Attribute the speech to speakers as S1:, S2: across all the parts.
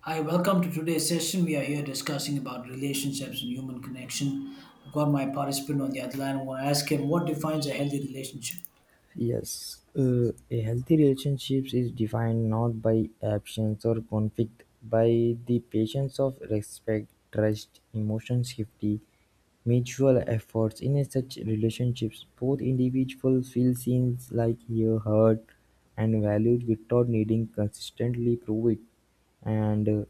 S1: Hi, welcome to today's session. We are here discussing about relationships and human connection. I've got my participant on the other line. I want to ask him what defines a healthy relationship.
S2: Yes, a healthy relationship is defined not by absence or conflict, by the patience of respect, trust, emotion safety, mutual efforts. In such relationships, both individuals feel seen, like you heard, and valued without needing consistently prove it. And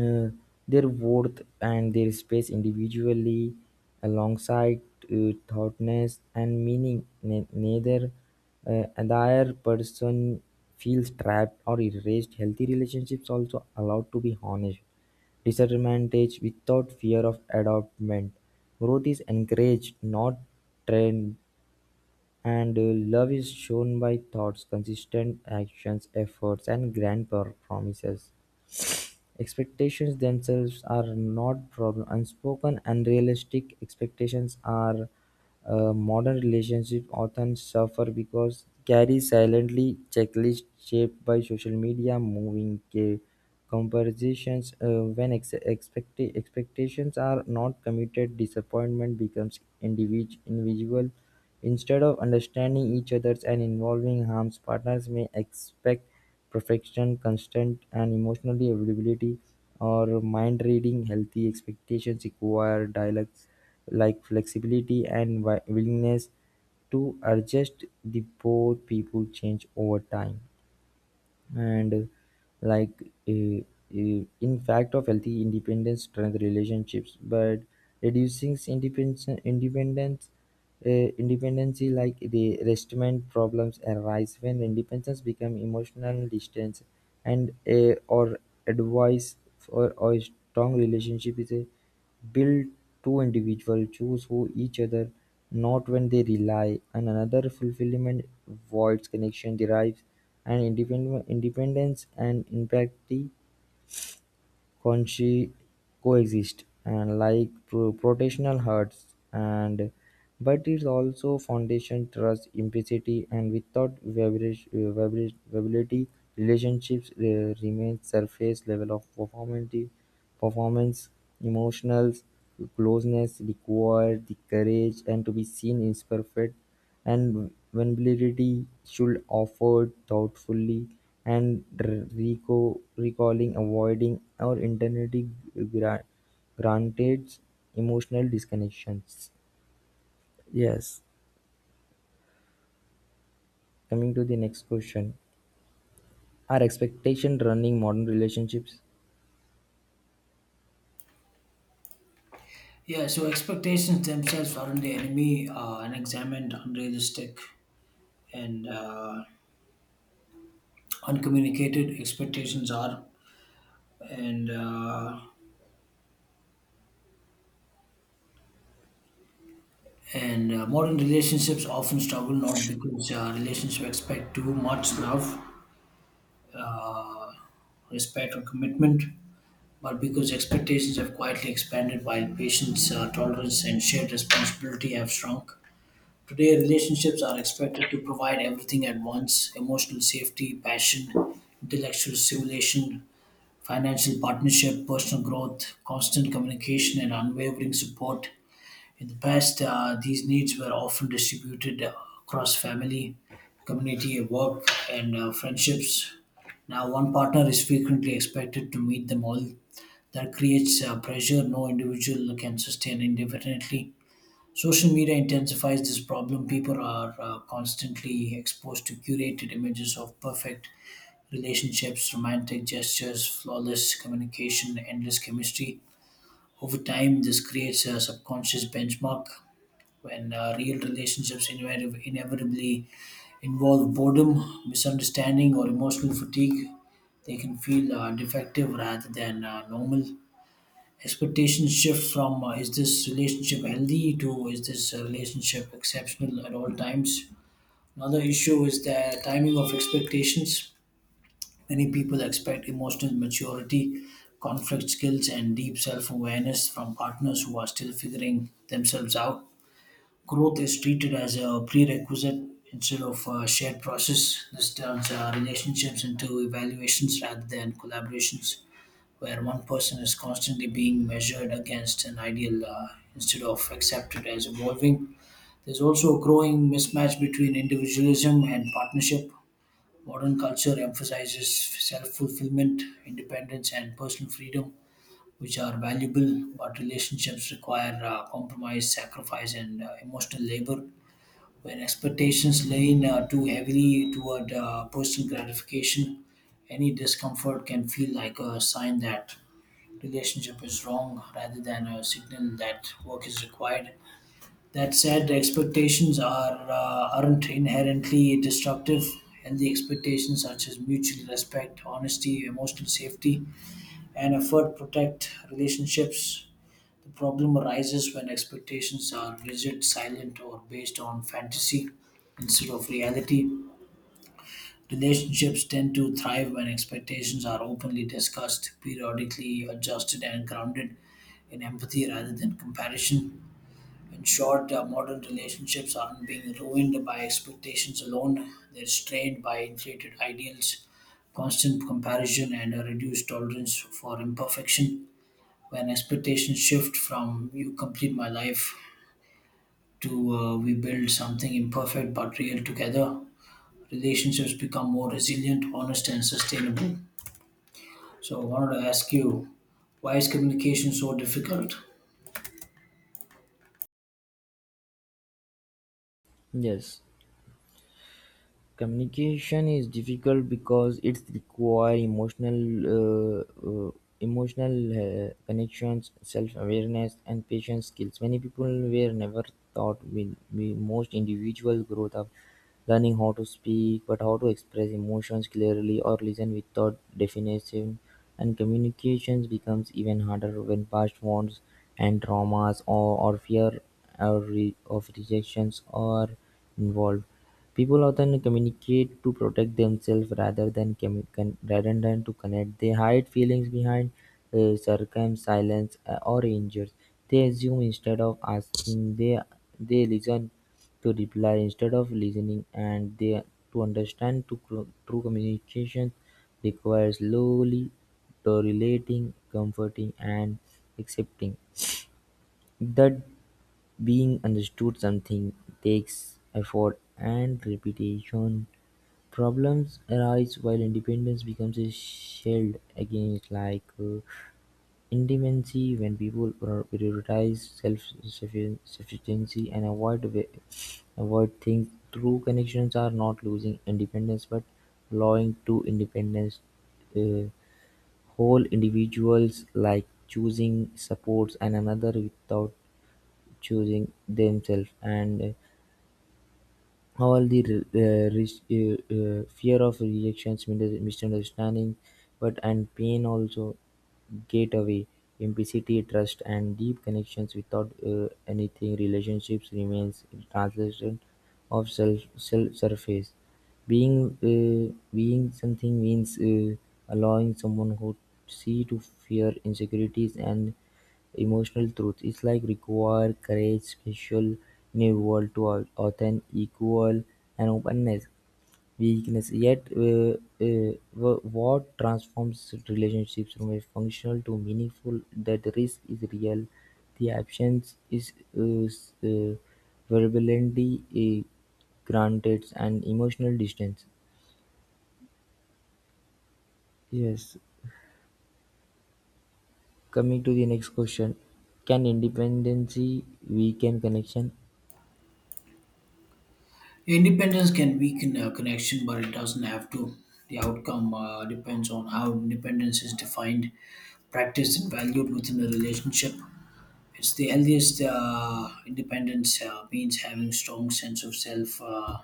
S2: uh, Their worth and their space individually, alongside thoughtness and meaning, neither other person feels trapped or erased. Healthy relationships also allowed to be honest, disadvantage without fear of adoptment. Growth is encouraged, not trained, and love is shown by thoughts, consistent actions, efforts, and grand promises. Expectations themselves are not problem; unspoken, and realistic expectations are modern relationship often suffer because carry silently checklist shaped by social media, moving comparisons. When expectations are not committed, disappointment becomes individual. Instead of understanding each other's and involving harms, partners may expect perfection, constant, and emotionally availability or mind reading. Healthy expectations require dialects like flexibility and willingness to adjust the both people change over time and like in fact of healthy independence strength relationships but reducing independence independency like the restatement problems arise when independence become emotional distance and a or advice or a strong relationship is a build two individuals choose who each other not when they rely on another fulfillment voids connection derives and independence and inequality coexist, and like protectional hearts, and but it also foundation trust, implicity, and without variability, relationships remain surface level of performance, emotional closeness require the courage and to be seen is perfect and vulnerability should offered thoughtfully, and recalling, avoiding, or internally gra- granted emotional disconnections. Yes. Coming to the next question. Are expectations running modern relationships?
S1: Yeah, so expectations themselves aren't the enemy. Unexamined, unrealistic, and uncommunicated expectations are. And uh, and Modern relationships often struggle not because relationships expect too much love, uh, respect or commitment, but because expectations have quietly expanded while patience, tolerance, and shared responsibility have shrunk. Today, relationships are expected to provide everything at once: emotional safety, passion, intellectual stimulation, financial partnership, personal growth, constant communication, and unwavering support. In the past, these needs were often distributed across family, community, work, and friendships. Now, one partner is frequently expected to meet them all. That creates pressure no individual can sustain indefinitely. Social media intensifies this problem. People are constantly exposed to curated images of perfect relationships, romantic gestures, flawless communication, endless chemistry. Over time, this creates a subconscious benchmark when real relationships inevitably involve boredom, misunderstanding, or emotional fatigue. They can feel defective rather than normal. Expectations shift from is this relationship healthy to is this relationship exceptional at all times. Another issue is the timing of expectations. Many people expect emotional maturity, conflict skills, and deep self awareness from partners who are still figuring themselves out. Growth is treated as a prerequisite instead of a shared process. This turns relationships into evaluations rather than collaborations, where one person is constantly being measured against an ideal, instead of accepted as evolving. There's also a growing mismatch between individualism and partnership. Modern culture emphasizes self fulfillment, independence, and personal freedom, which are valuable, but relationships require compromise, sacrifice, and emotional labor. Where expectations lean too heavily toward personal gratification, any discomfort can feel like a sign that relationship is wrong rather than a signal that work is required. That said, expectations are aren't inherently destructive. Healthy expectations such as mutual respect, honesty, emotional safety, and effort protect relationships. The problem arises when expectations are rigid, silent, or based on fantasy instead of reality. Relationships tend to thrive when expectations are openly discussed, periodically adjusted, and grounded in empathy rather than comparison. In short, modern relationships aren't being ruined by expectations alone, they're strained by inflated ideals, constant comparison, and a reduced tolerance for imperfection. When expectations shift from you complete my life to we build something imperfect but real together. Relationships become more resilient, honest, and sustainable. So, I wanted to ask you, why is communication so difficult?
S2: Yes. Communication is difficult because it requires uh, uh, emotional connections, self-awareness, and patience skills. Many people were never taught with most individual growth of learning how to speak, but how to express emotions clearly or listen without definition. And communications becomes even harder when past wounds and traumas or fear or of rejections are involved. People often communicate to protect themselves rather than to connect. They hide feelings behind sarcasm, silence, or injuries. They assume instead of asking. They listen to reply instead of listening, and they to understand. To true communication requires slowly tolerating, comforting, and accepting that being understood something takes effort and repetition. Problems arise while independence becomes a shield against, independency, when people prioritize self-sufficiency and avoid avoid things through connections are not losing independence but allowing to independence uh, whole individuals like choosing supports and another without choosing themselves and all the fear of rejections misunderstanding but and pain also get away implicity trust and deep connections without anything relationships remains translation of self, self surface being being something means allowing someone who see to fear insecurities and emotional truth is like require courage, special in a world to often equal and openness, weakness. Yet what transforms relationships from a functional to meaningful? That the risk is real, the absence is uh, s- uh, verbally granted, and emotional distance. Yes. Coming to the next question, can independency weaken connection?
S1: Independence can weaken a connection, but it doesn't have to. The outcome depends on how independence is defined, practiced, and valued within a relationship. It's the healthiest independence means having strong sense of self.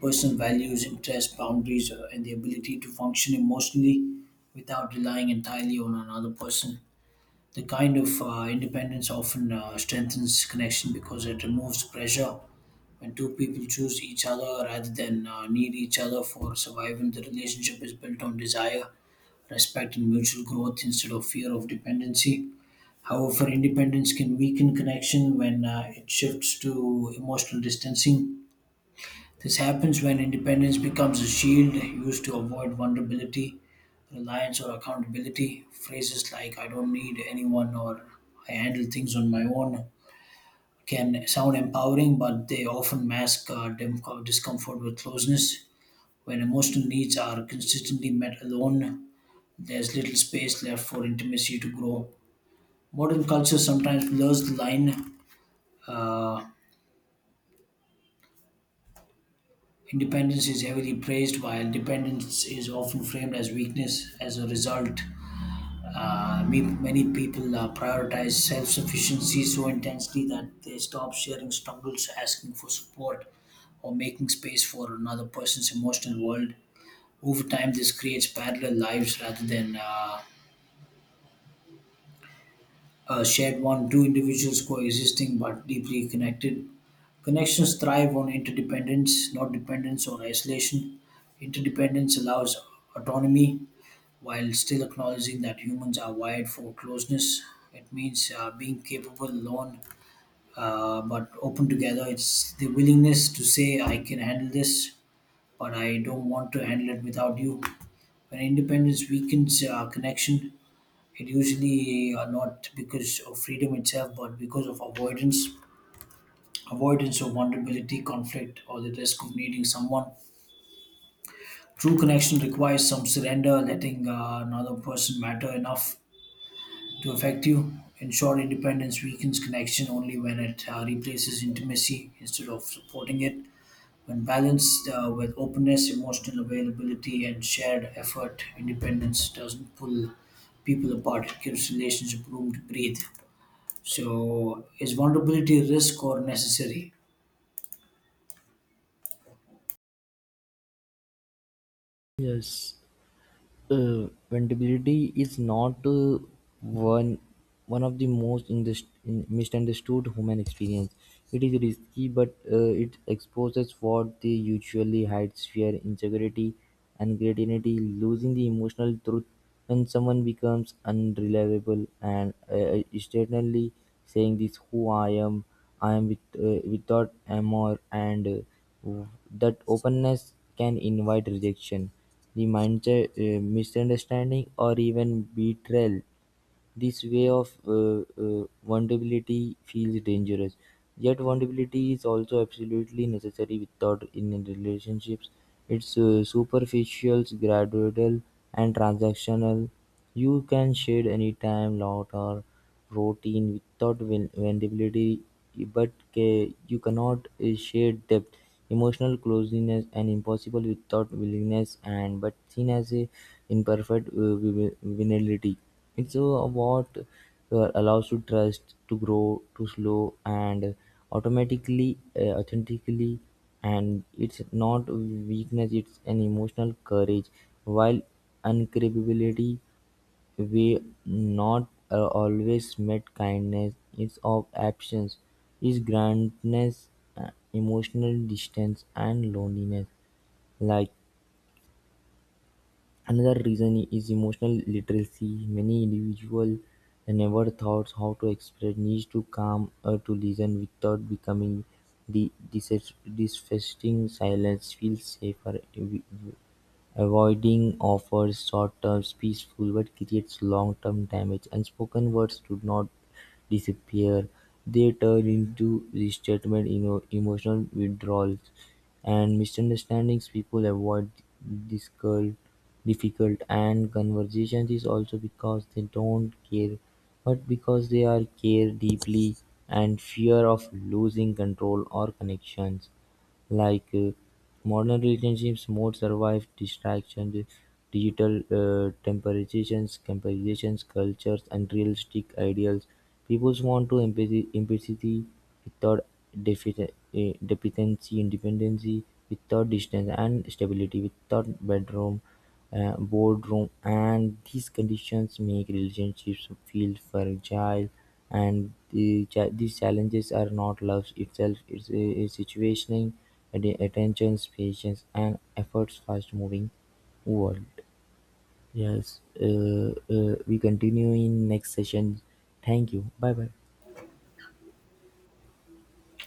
S1: Personal values, interests, boundaries, and the ability to function emotionally without relying entirely on another person. The kind of independence often strengthens connection because it removes pressure. When two people choose each other rather than need each other for survival, the relationship is built on desire, respect, and mutual growth instead of fear of dependency. However, independence can weaken connection when it shifts to emotional distancing. This happens when independence becomes a shield used to avoid vulnerability, reliance, or accountability. Phrases like, I don't need anyone, or I handle things on my own, can sound empowering, but they often mask discomfort with closeness. When emotional needs are consistently met alone, there's little space left for intimacy to grow. Modern culture sometimes blurs the line. uh, Independence is heavily praised, while dependence is often framed as weakness. As a result, many people prioritize self sufficiency so intensely that they stop sharing struggles, asking for support, or making space for another person's emotional world. Over time, this creates parallel lives rather than a shared one, two individuals coexisting but deeply connected. Connections thrive on interdependence, not dependence on isolation. Interdependence allows autonomy while still acknowledging that humans are wired for closeness. It means being capable alone, but open together. It's the willingness to say, I can handle this, but I don't want to handle it without you. When independence weakens connection, it usually are not because of freedom itself but because of avoidance of vulnerability, conflict, or the risk of needing someone. True connection requires some surrender, letting another person matter enough to affect you. In short, independence weakens connection only when it replaces intimacy instead of supporting it. When balanced with openness, emotional availability, and shared effort, independence doesn't pull people apart, it gives relationship room to breathe. So, is vulnerability a risk or necessary?
S2: Yes. Vulnerability is not one one of the most misunderstood human experience. It is risky, but it exposes what they usually hide: fear, insecurity, and creativity. Losing the emotional truth when someone becomes unreliable and externally saying this: "Who I am with, without amor," and uh, that openness can invite rejection the mindset, misunderstanding or even betrayal, this way of vulnerability feels dangerous. Yet vulnerability is also absolutely necessary without in relationships. It's superficial, gradual and transactional. You can shade anytime, lot or routine without vulnerability, but you cannot share depth, emotional closeness, and impossible without willingness, and but seen as a imperfect vulnerability. It's what allows to trust to grow, to slow, and automatically, authentically, and it's not weakness; it's an emotional courage. While incapability we not always met kindness is of absence, is gruntness, emotional distance and loneliness. Like another reason is emotional literacy. Many individuals never thought how to express needs to calm or to listen without becoming the dissatisfying silence feels safer. Avoiding offers short-term peaceful, but creates long-term damage. Unspoken words do not disappear; they turn into resentment, emotional withdrawals, and misunderstandings. People avoid difficult, difficult and conversations is also because they don't care, but because they are care deeply and fear of losing control or connections. Like uh, Modern relationships, more survive distractions, digital temporizations, comparisons, cultures, and realistic ideals. People want to empathy without dependency, independency without distance, and stability without bedroom boardroom and these conditions make relationships feel fragile and the these challenges are not love itself it's a situationing and the attention patience and efforts fast moving world. yes uh, we continue in next session. Thank you, bye bye.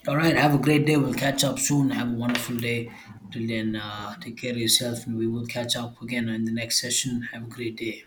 S1: All right, have a great day. We'll catch up soon. Have a wonderful day. Till then,
S2: Yes.
S1: take care of yourself, and we will catch up again in the next session. Have a great day.